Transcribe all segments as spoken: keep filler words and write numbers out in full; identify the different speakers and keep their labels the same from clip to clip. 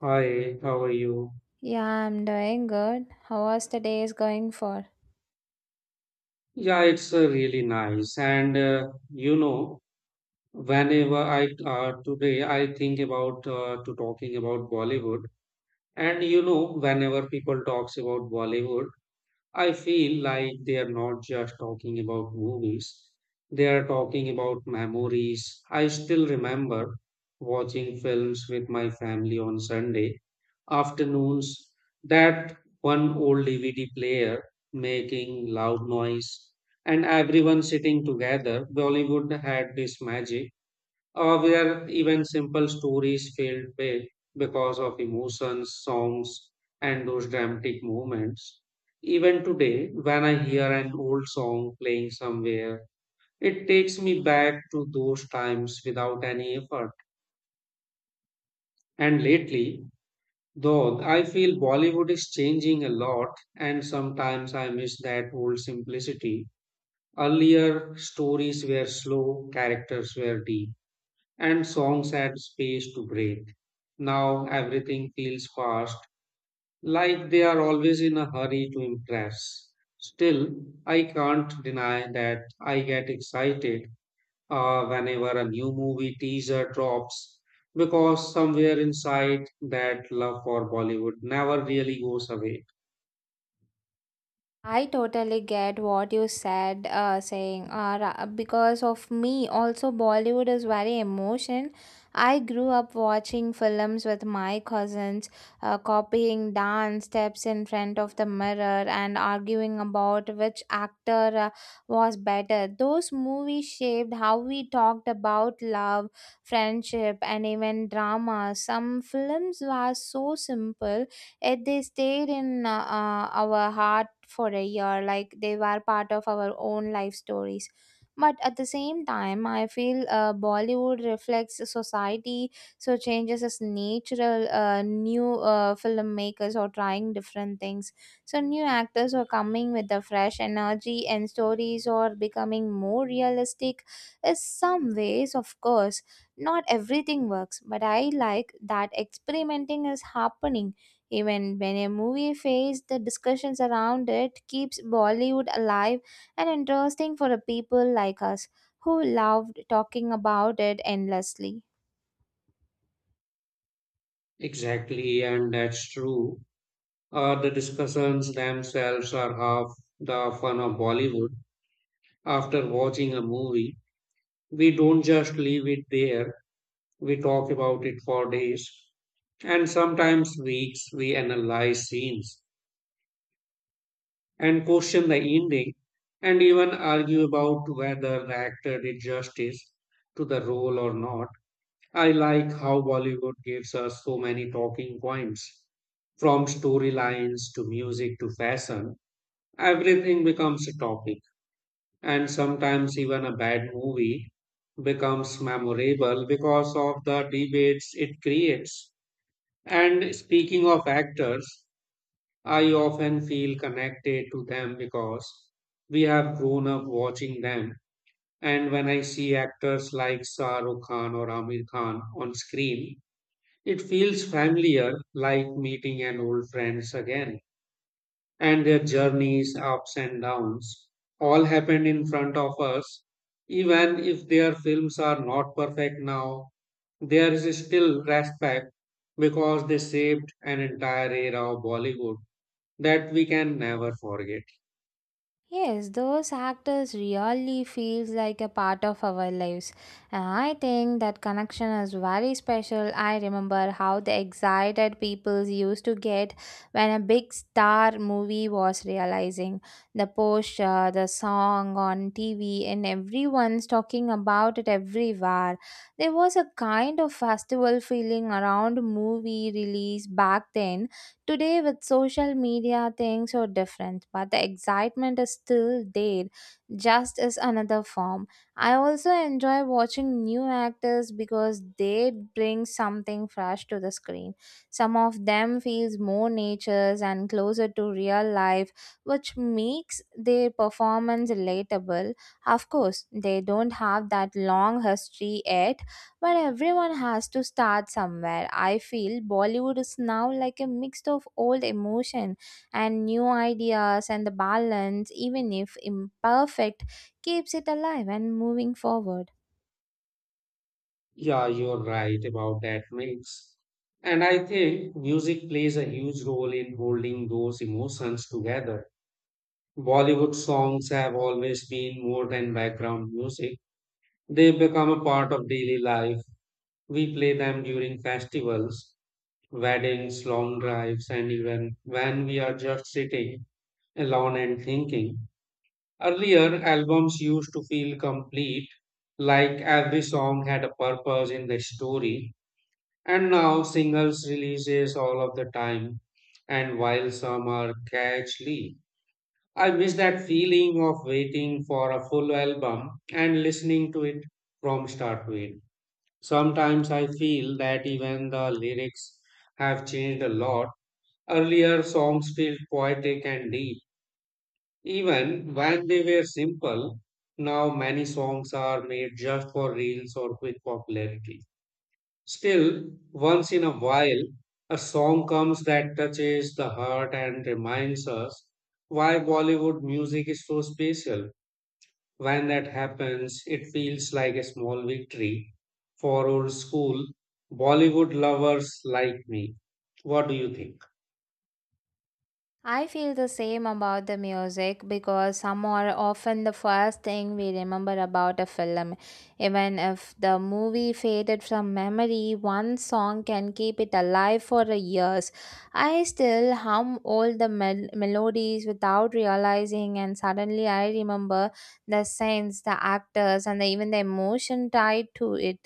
Speaker 1: Hi, how are you?
Speaker 2: Yeah, I'm doing good. How was the day is going for?
Speaker 1: Yeah, it's uh, really nice. And uh, you know, whenever I uh, today I think about uh, to talking about Bollywood, and you know, whenever people talks about Bollywood, I feel like they are not just talking about movies, they are talking about memories. I still remember watching films with my family on Sunday afternoons, that one old D V D player making loud noise, and everyone sitting together. Bollywood had this magic uh, where even simple stories failed big because of emotions, songs, and those dramatic moments. Even today, when I hear an old song playing somewhere, it takes me back to those times without any effort. And lately, though, I feel Bollywood is changing a lot, and sometimes I miss that old simplicity. Earlier, stories were slow, characters were deep and songs had space to breathe. Now everything feels fast, like they are always in a hurry to impress. Still, I can't deny that I get excited uh, whenever a new movie teaser drops because somewhere inside that love for Bollywood never really goes away.
Speaker 2: I totally get what you said, uh, saying uh, ra- because of me, also Bollywood is very emotion. I grew up watching films with my cousins, uh, copying dance steps in front of the mirror and arguing about which actor uh, was better. Those movies shaped how we talked about love, friendship, and even drama. Some films were so simple it they stayed in uh, uh, our heart for a year, like they were part of our own life stories. But at the same time, I feel uh, Bollywood reflects society, so changes as natural. Uh, new uh, filmmakers are trying different things, so new actors are coming with the fresh energy and stories are becoming more realistic in some ways. Of course, not everything works, but I like that experimenting is happening. Even when a movie fails, the discussions around it keeps Bollywood alive and interesting for the people like us who loved talking about it endlessly.
Speaker 1: Exactly, and that's true. Uh, the discussions themselves are half the fun of Bollywood. After watching a movie, we don't just leave it there, we talk about it for days. And sometimes weeks, we analyze scenes and question the ending and even argue about whether the actor did justice to the role or not. I like how Bollywood gives us so many talking points from storylines to music to fashion. Everything becomes a topic. And sometimes even a bad movie becomes memorable because of the debates it creates. And speaking of actors, I often feel connected to them because we have grown up watching them. And when I see actors like Shah Rukh Khan or Amir Khan on screen, it feels familiar, like meeting an old friends again and their journeys, ups and downs, all happened in front of us. Even if their films are not perfect now, there is still respect because they shaped an entire era of Bollywood that we can never forget.
Speaker 2: Yes, those actors really feels like a part of our lives. And I think that connection is very special. I remember how the excited people used to get when a big star movie was realizing. The poster, the song on T V, and everyone's talking about it everywhere. There was a kind of festival feeling around movie release back then. Today, with social media, things are different, but the excitement is still there, just as another form. I also enjoy watching new actors because they bring something fresh to the screen. Some of them feels more natures and closer to real life, which makes their performance relatable. Of course, they don't have that long history yet, but everyone has to start somewhere. I feel Bollywood is now like a mix of old emotion and new ideas, and the balance, even if imperfect, keeps it alive and moving forward.
Speaker 1: Yeah, you're right about that mix. And I think music plays a huge role in holding those emotions together. Bollywood songs have always been more than background music. They become a part of daily life. We play them during festivals, weddings, long drives, and even when we are just sitting alone and thinking. Earlier, albums used to feel complete, like every song had a purpose in the story, and now singles releases all of the time. And while some are catchy, I miss that feeling of waiting for a full album and listening to it from start to end. Sometimes I feel that even the lyrics have changed a lot. Earlier songs felt poetic and deep, even when they were simple. Now many songs are made just for reels or quick popularity. Still, once in a while, a song comes that touches the heart and reminds us why Bollywood music is so special. When that happens, it feels like a small victory for old school Bollywood lovers like me. What do you think?
Speaker 2: I feel the same about the music because some are often the first thing we remember about a film. Even if the movie faded from memory, one song can keep it alive for years. I still hum all the mel- melodies without realizing, and suddenly I remember the scenes, the actors, and the, even the emotion tied to it.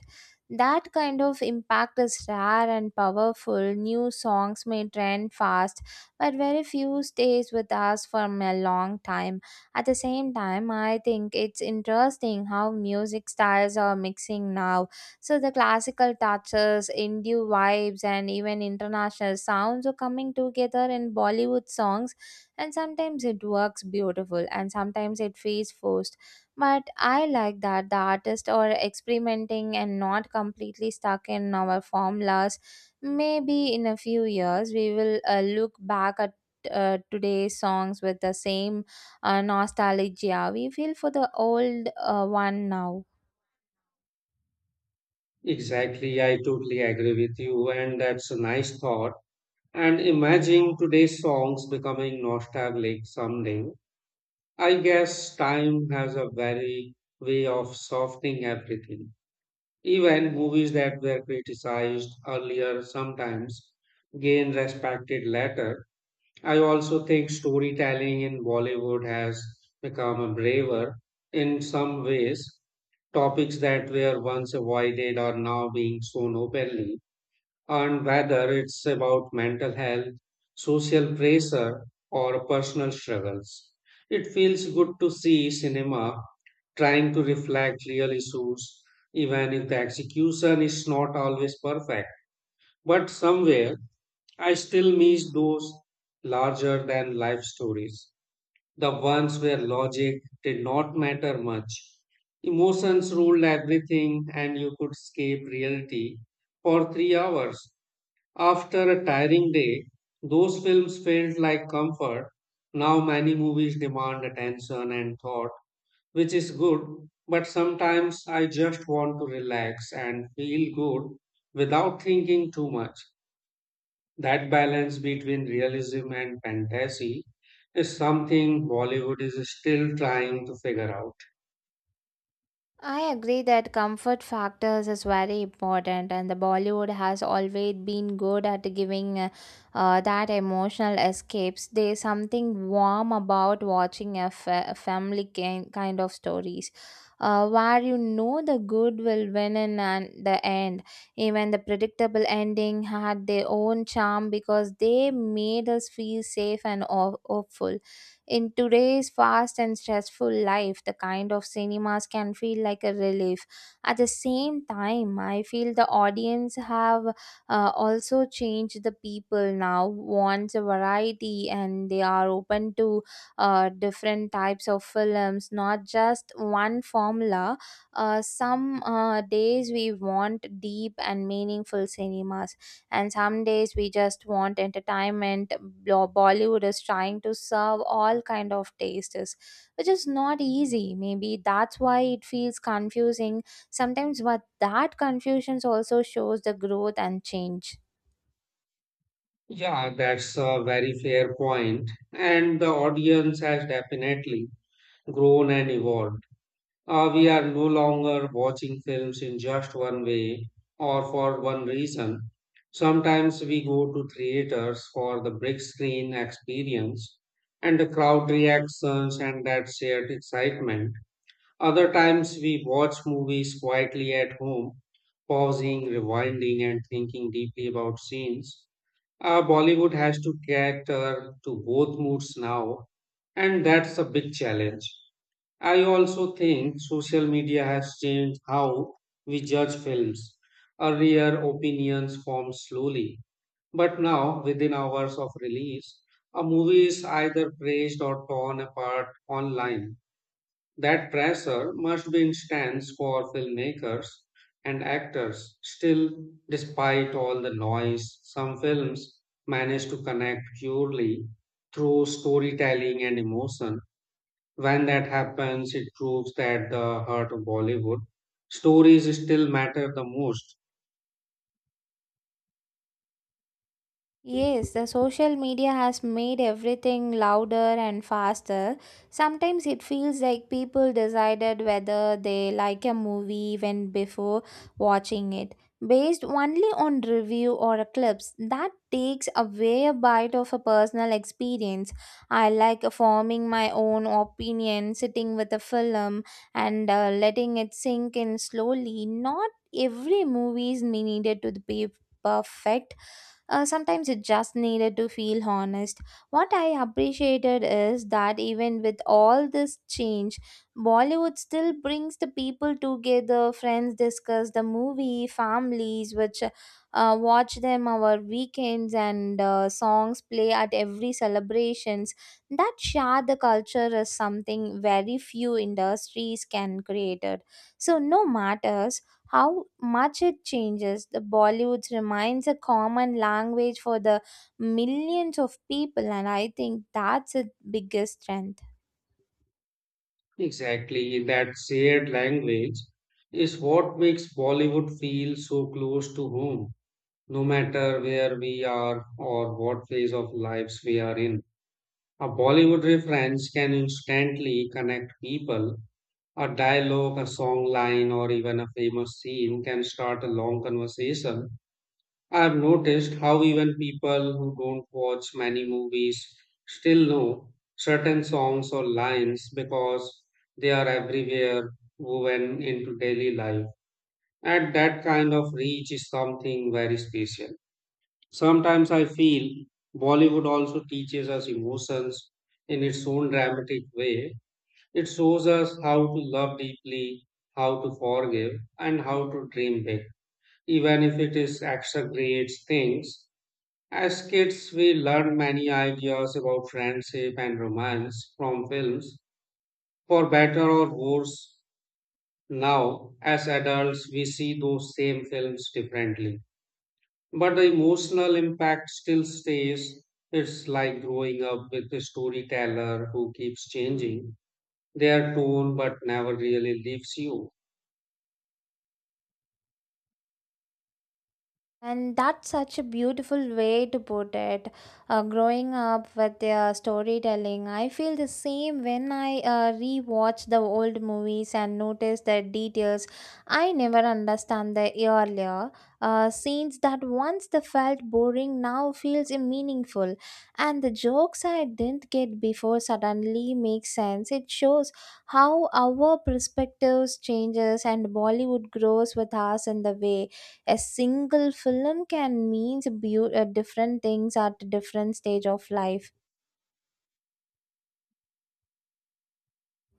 Speaker 2: That kind of impact is rare and powerful. New songs may trend fast, but very few stays with us for a long time. At the same time, I think it's interesting how music styles are mixing now. So the classical touches, indie vibes, and even international sounds are coming together in Bollywood songs, and sometimes it works beautiful, and sometimes it feels forced. But I like that the artists are experimenting and not completely stuck in our formulas. Maybe in a few years, we will uh, look back at uh, today's songs with the same uh, nostalgia we feel for the old uh, one now.
Speaker 1: Exactly, I totally agree with you, and that's a nice thought. And imagine today's songs becoming nostalgic someday. I guess time has a very way of softening everything. Even movies that were criticized earlier sometimes gain respected later. I also think storytelling in Bollywood has become braver in some ways. Topics that were once avoided are now being shown openly, and whether it's about mental health, social pressure, or personal struggles. It feels good to see cinema trying to reflect real issues, even if the execution is not always perfect. But somewhere, I still miss those larger than life stories, the ones where logic did not matter much. Emotions ruled everything, and you could escape reality for three hours. After a tiring day, those films felt like comfort. Now, many movies demand attention and thought, which is good, but sometimes I just want to relax and feel good without thinking too much. That balance between realism and fantasy is something Bollywood is still trying to figure out.
Speaker 2: I agree that comfort factors is very important, and the Bollywood has always been good at giving uh, uh, that emotional escapes. There's something warm about watching a, fa- a family ki- kind of stories, uh, where you know the good will win in an- the end. Even the predictable ending had their own charm because they made us feel safe and ho- hopeful. In today's fast and stressful life, the kind of cinemas can feel like a relief. At the same time, I feel the audience have uh, also changed. The people now wants a variety and they are open to uh, different types of films, not just one formula. Uh, some uh, days we want deep and meaningful cinemas and some days we just want entertainment. Bo- Bollywood is trying to serve all kind of tastes, which is not easy. Maybe that's why it feels confusing sometimes. But that confusion also shows the growth and change.
Speaker 1: Yeah, that's a very fair point. And the audience has definitely grown and evolved. Uh, we are no longer watching films in just one way or for one reason. Sometimes we go to theaters for the big screen experience and the crowd reactions and that shared excitement. Other times we watch movies quietly at home, pausing, rewinding, and thinking deeply about scenes. Uh, Bollywood has to cater to both moods now, and that's a big challenge. I also think social media has changed how we judge films. Earlier, opinions formed slowly, but now, within hours of release, a movie is either praised or torn apart online. That pressure must be intense for filmmakers and actors. Still, despite all the noise, some films manage to connect purely through storytelling and emotion. When that happens, it proves that the heart of Bollywood stories still matter the most.
Speaker 2: Yes, the social media has made everything louder and faster. Sometimes it feels like people decided whether they like a movie even before watching it, based only on review or clips. That takes away a bite of a personal experience. I like forming my own opinion, sitting with a film and uh, letting it sink in slowly. Not every movie is needed to be perfect. Uh, sometimes it just needed to feel honest. What I appreciated is that even with all this change, Bollywood still brings the people together. Friends discuss the movie, families which uh, watch them our weekends, and uh, songs play at every celebrations. That share the culture is something very few industries can create. It. So no matters how much it changes. The Bollywood remains a common language for the millions of people, and I think that's its biggest strength.
Speaker 1: Exactly, that shared language is what makes Bollywood feel so close to home. No matter where we are or what phase of lives we are in. A Bollywood reference can instantly connect people. A dialogue, a song line, or even a famous scene can start a long conversation. I have noticed how even people who don't watch many movies still know certain songs or lines because they are everywhere woven into daily life. And that kind of reach is something very special. Sometimes I feel Bollywood also teaches us emotions in its own dramatic way. It shows us how to love deeply, how to forgive, and how to dream big. Even if it is extra great things, as kids we learn many ideas about friendship and romance from films. For better or worse, now as adults we see those same films differently. But the emotional impact still stays. It's like growing up with a storyteller who keeps changing their tone but never really leaves you.
Speaker 2: And that's such a beautiful way to put it. Uh, growing up with their storytelling, I feel the same when I uh, rewatch the old movies and notice the details I never understand the earlier. Uh, scenes that once they felt boring now feels meaningful, and the jokes I didn't get before suddenly make sense. It shows how our perspectives changes and Bollywood grows with us in the way a single film can means beau- uh, different things at different stage of life.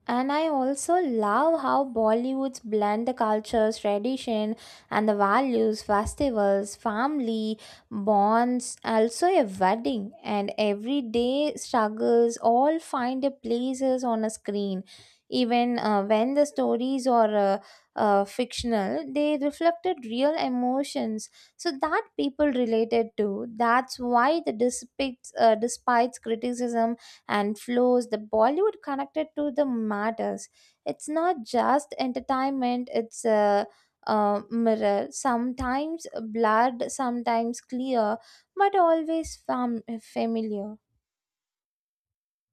Speaker 2: And I also love how Bollywoods blend the cultures, tradition, and the values, festivals, family, bonds, also a wedding, and everyday struggles all find a places on a screen. Even uh, when the stories are uh, uh, fictional, they reflected real emotions, so that people related to. That's why the despite uh, despite criticism and flows the Bollywood connected to the matters. It's not just entertainment, it's a, uh, mirror, sometimes blurred, sometimes clear, but always fam- familiar.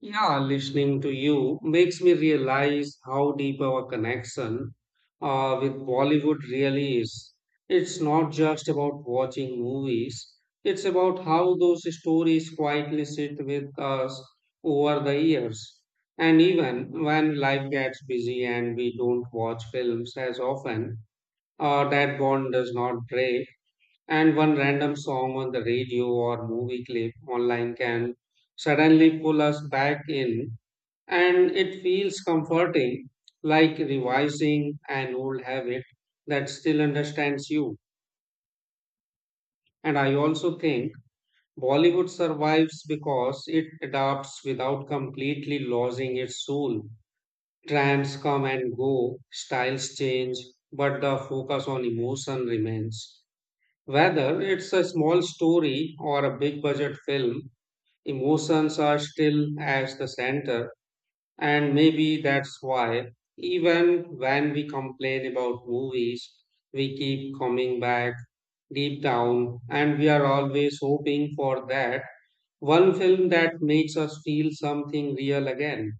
Speaker 1: Yeah, listening to you makes me realize how deep our connection uh, with Bollywood really is. It's not just about watching movies, it's about how those stories quietly sit with us over the years. And even when life gets busy and we don't watch films as often, uh, that bond does not break. And one random song on the radio or movie clip online can suddenly pull us back in and it feels comforting, like revising an old habit that still understands you. And I also think Bollywood survives because it adapts without completely losing its soul. Trends come and go, styles change, but the focus on emotion remains. Whether it's a small story or a big budget film, emotions are still at the center. And maybe that's why, even when we complain about movies, we keep coming back deep down, and we are always hoping for that one film that makes us feel something real again.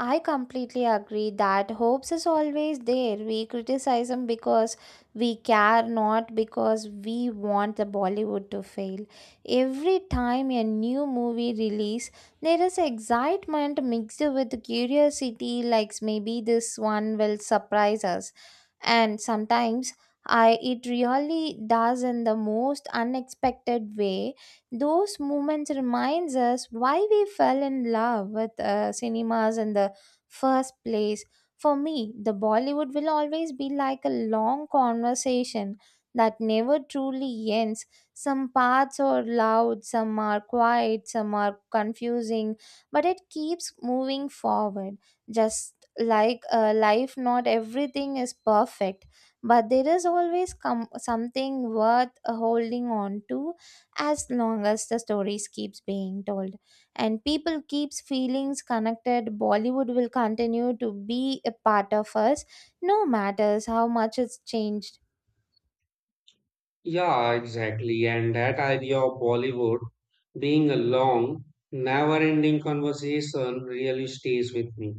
Speaker 2: I completely agree that hopes is always there. We criticize them because we care, not because we want the Bollywood to fail. Every time a new movie release, there is excitement mixed with curiosity, like maybe this one will surprise us. And sometimes I it really does in the most unexpected way. Those moments reminds us why we fell in love with uh, cinemas and the first place. For me, the Bollywood will always be like a long conversation that never truly ends. Some parts are loud, some are quiet, some are confusing, but it keeps moving forward. Just like uh, life, not everything is perfect, but there is always com- something worth uh, holding on to. As long as the stories keeps being told and people keeps feelings connected, Bollywood will continue to be a part of us, no matters how much it's changed.
Speaker 1: Yeah, exactly. And that idea of Bollywood being a long, never ending conversation really stays with me.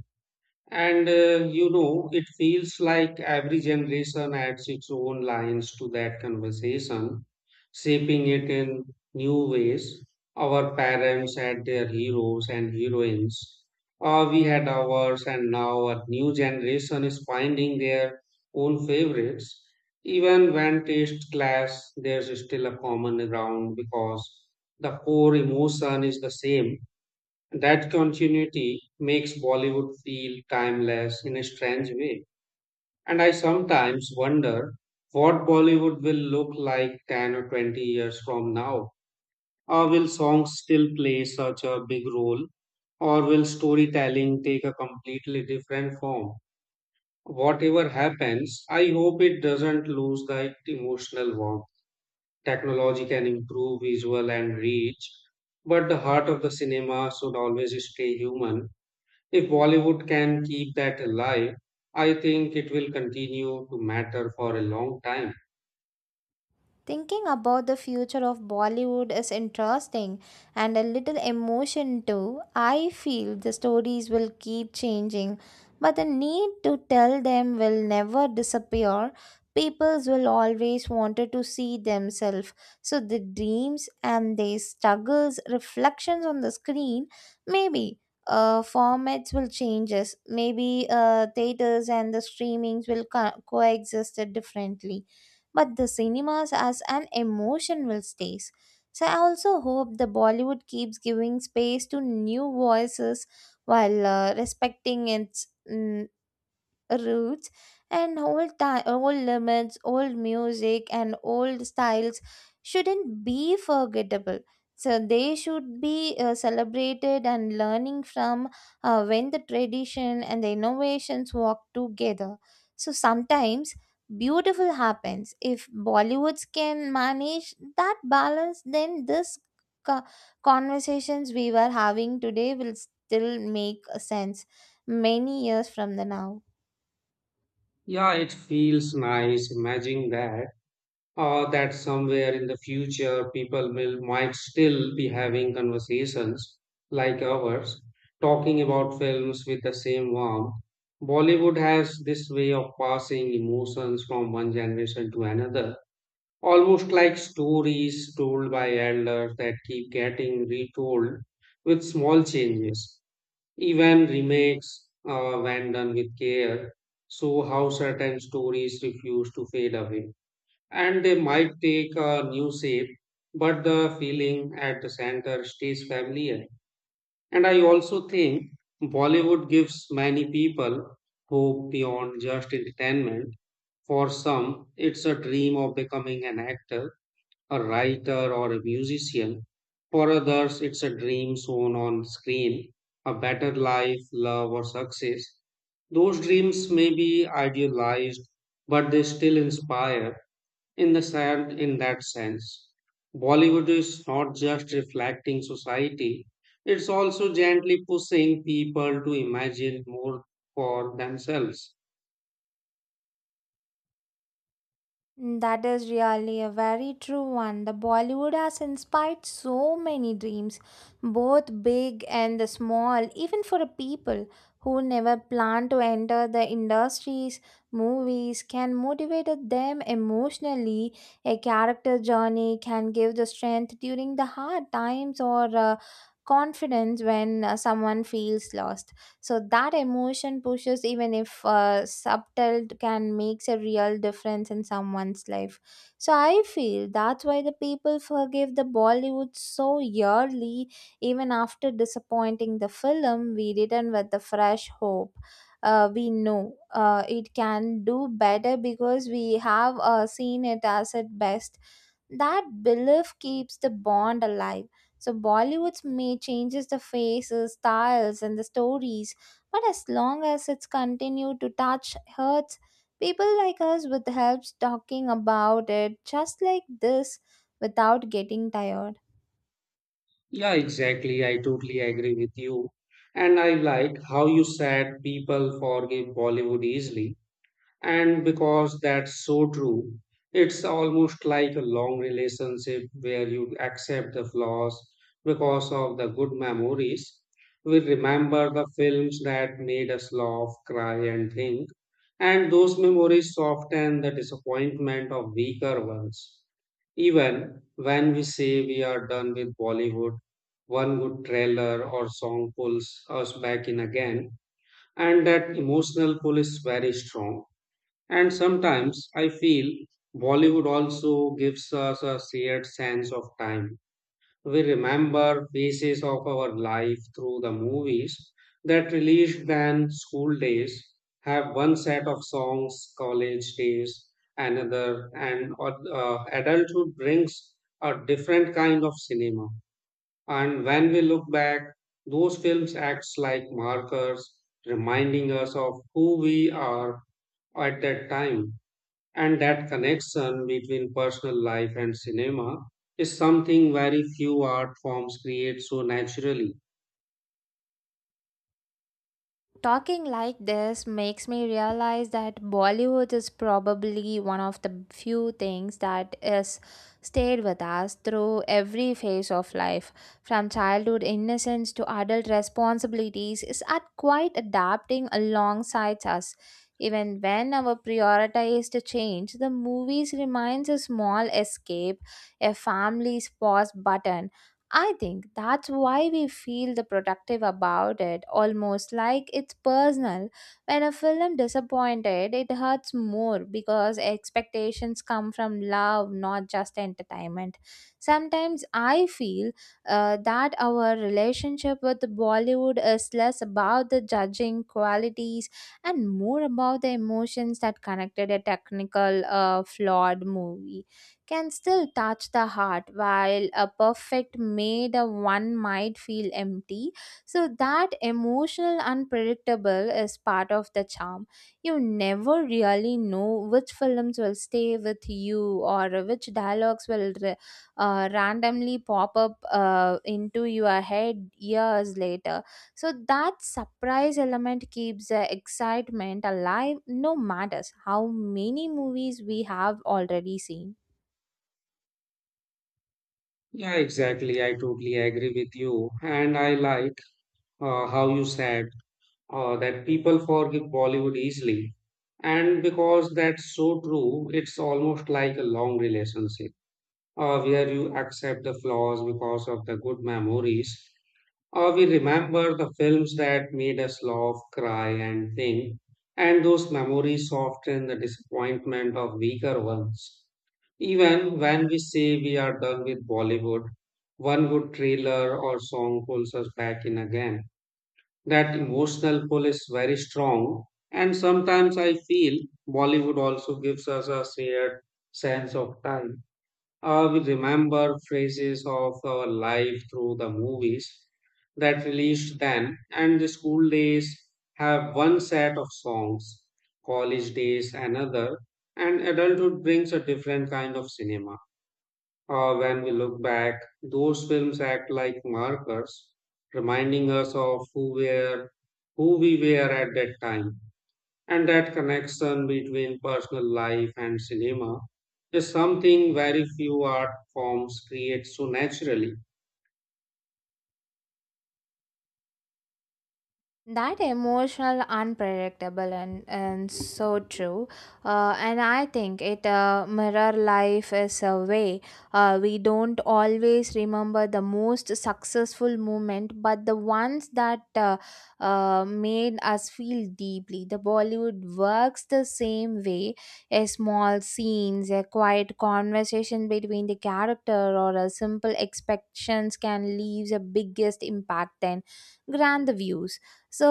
Speaker 1: And uh, you know, it feels like every generation adds its own lines to that conversation, shaping it in new ways. Our parents had their heroes and heroines, uh, we had ours, and now a new generation is finding their own favorites. Even when taste clash, there's still a common ground because the core emotion is the same. That continuity makes Bollywood feel timeless in a strange way. And I sometimes wonder what Bollywood will look like ten or twenty years from now. Or will songs still play such a big role? Or will storytelling take a completely different form? Whatever happens, I hope it doesn't lose that emotional warmth. Technology can improve visual and reach, but the heart of the cinema should always stay human. If Bollywood can keep that alive, I think it will continue to matter for a long time.
Speaker 2: Thinking about the future of Bollywood is interesting and a little emotion too. I feel the stories will keep changing, but the need to tell them will never disappear. People will always wanted to see themselves. So the dreams and their struggles, reflections on the screen, maybe. Uh, formats will change. Maybe uh, theaters and the streamings will co- coexist differently, but the cinemas as an emotion will stay. So I also hope the Bollywood keeps giving space to new voices while uh, respecting its mm, roots and old time, old limits, old music and old styles shouldn't be forgettable, so they should be uh, celebrated and learning from uh, when the tradition and the innovations walk together. So sometimes beautiful happens. If Bollywoods can manage that balance, then this co- conversations we were having today will still make a sense many years from the now.
Speaker 1: Yeah, it feels nice imagining that, or that somewhere in the future people will might still be having conversations like ours, talking about films with the same warmth. Bollywood has this way of passing emotions from one generation to another almost like stories told by elders that keep getting retold with small changes, even remakes uh, when done with care, so how certain stories refuse to fade away. And they might take a new shape, but the feeling at the center stays familiar. And I also think Bollywood gives many people hope beyond just entertainment. For some, it's a dream of becoming an actor a writer or a musician. For others, it's a dream shown on screen, a better life, love, or success. Those dreams may be idealized, but they still inspire in the sen- in that sense. Bollywood is not just reflecting society, it's also gently pushing people to imagine more for themselves.
Speaker 2: That is really a very true one. The Bollywood has inspired so many dreams, both big and the small, even for a people who never plan to enter the industries, movies can motivate them emotionally. A character journey can give the strength during the hard times or uh, confidence when uh, someone feels lost, so that emotion pushes, even if uh, subtle, can makes a real difference in someone's life. So I feel that's why the people forgive the Bollywood so yearly. Even after disappointing the film, we return with the fresh hope. Uh, we know uh, it can do better because we have uh, seen it as at best. That belief keeps the bond alive. So Bollywood's may changes the faces, styles and the stories, but as long as it's continued to touch hearts, people like us with helps talking about it just like this without getting tired.
Speaker 1: Yeah, exactly. I totally agree with you. And I like how you said people forgive Bollywood easily. And because that's so true, it's almost like a long relationship where you accept the flaws because of the good memories. We remember the films that made us laugh, cry, and think, and those memories soften the disappointment of weaker ones. Even when we say we are done with Bollywood, one good trailer or song pulls us back in again, and that emotional pull is very strong. And sometimes I feel Bollywood also gives us a shared sense of time. We remember phases of our life through the movies that released then school days have one set of songs, college days, another, and uh, uh, adulthood brings a different kind of cinema. And when we look back, those films acts like markers, reminding us of who we are at that time. And that connection between personal life and cinema is something very few art forms create so naturally.
Speaker 2: Talking like this makes me realize that Bollywood is probably one of the few things that is stayed with us through every phase of life. From childhood innocence to adult responsibilities is at quite adapting alongside us. Even when our priorities to change, the movies reminds a small escape, a family's pause button. I think that's why we feel the productive about it, almost like it's personal. When a film disappointed, it hurts more because expectations come from love, not just entertainment. Sometimes I feel uh, that our relationship with Bollywood is less about the judging qualities and more about the emotions that connected. A technical uh, flawed movie can still touch the heart, while a perfect made a one might feel empty. So that emotional unpredictable is part of the charm. You never really know which films will stay with you or which dialogues will ra- uh, randomly pop up uh, into your head years later. So that surprise element keeps the excitement alive, no matters how many movies we have already seen.
Speaker 1: Yeah, exactly. I totally agree with you. And I like uh, how you said uh, that people forgive Bollywood easily. And because that's so true, it's almost like a long relationship uh, where you accept the flaws because of the good memories. Or we remember the films that made us laugh, cry, and think, and those memories soften the disappointment of weaker ones. Even when we say we are done with Bollywood, one good trailer or song pulls us back in again. That emotional pull is very strong, and sometimes I feel Bollywood also gives us a shared sense of time. Uh, we remember phases of our life through the movies that released then, and the school days have one set of songs, college days another, and adulthood brings a different kind of cinema. Uh, when we look back, those films act like markers, reminding us of who were, who we were at that time. And that connection between personal life and cinema is something very few art forms create so naturally.
Speaker 2: That emotional unpredictable and, and so true. Uh, and I think it uh, mirror life is a way. Uh, we don't always remember the most successful moment, but the ones that uh, uh, made us feel deeply. The Bollywood works the same way. A small scenes, a quiet conversation between the character, or a simple expectations can leave the biggest impact than grand views. So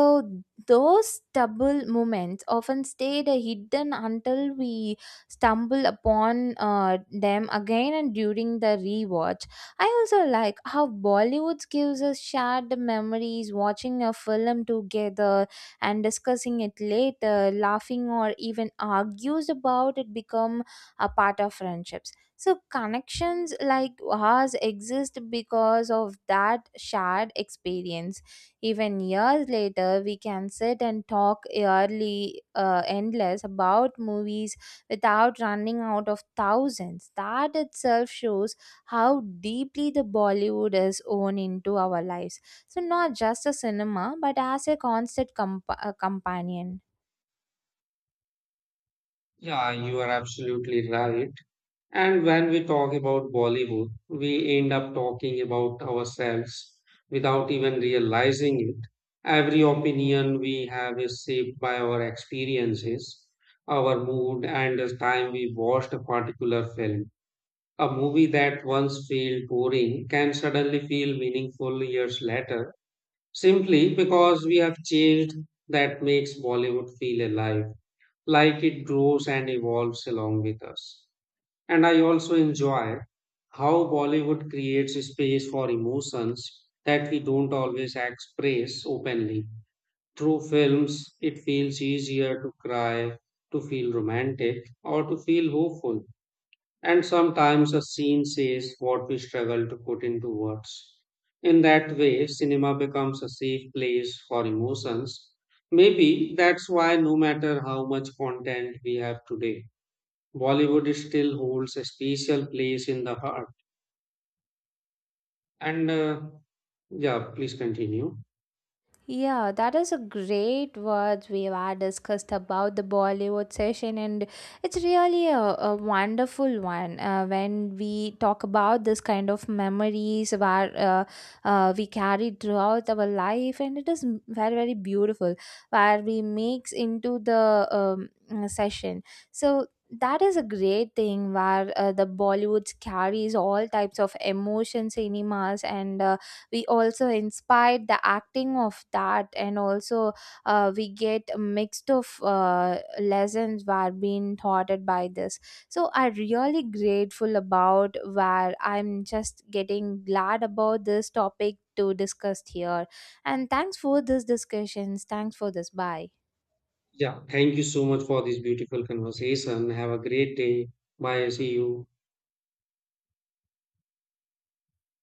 Speaker 2: those double moments often stayed hidden until we stumble upon uh, them again and during the rewatch. I also like how Bollywood gives us shared memories, watching a film together and discussing it later, laughing or even argues about it become a part of friendships. So connections like ours exist because of that shared experience. Even years later, we can sit and talk early, uh, endless about movies without running out of thousands. That itself shows how deeply the Bollywood is woven into our lives. So, not just a cinema, but as a constant comp- uh, companion.
Speaker 1: Yeah, you are absolutely right. And when we talk about Bollywood, we end up talking about ourselves without even realizing it. Every opinion we have is shaped by our experiences, our mood, and the time we watched a particular film. A movie that once felt boring can suddenly feel meaningful years later simply because we have changed. That makes Bollywood feel alive, like it grows and evolves along with us. And I also enjoy how Bollywood creates space for emotions that we don't always express openly. Through films, it feels easier to cry, to feel romantic, or to feel hopeful and sometimes a scene says what we struggle to put into words. In that way, cinema becomes a safe place for emotions. Maybe that's why, no matter how much content we have today, Bollywood still holds a special place in the heart. And uh, yeah, please continue.
Speaker 2: Yeah, that is a great words we have discussed about the Bollywood session, and it's really a, a wonderful one uh, when we talk about this kind of memories where uh, uh, we carry throughout our life, and it is m- very very beautiful where we mix into the um, uh, session. So that is a great thing where uh, the Bollywood carries all types of emotion cinemas and. Uh, we also inspired the acting of that and also uh, we get a mixed of uh, lessons were being taught by this. So I really grateful about where I'm just getting glad about this topic to discuss here, and thanks for this discussions, thanks for this, bye.
Speaker 1: Yeah, thank you so much for this beautiful conversation. Have a great day. Bye. See you.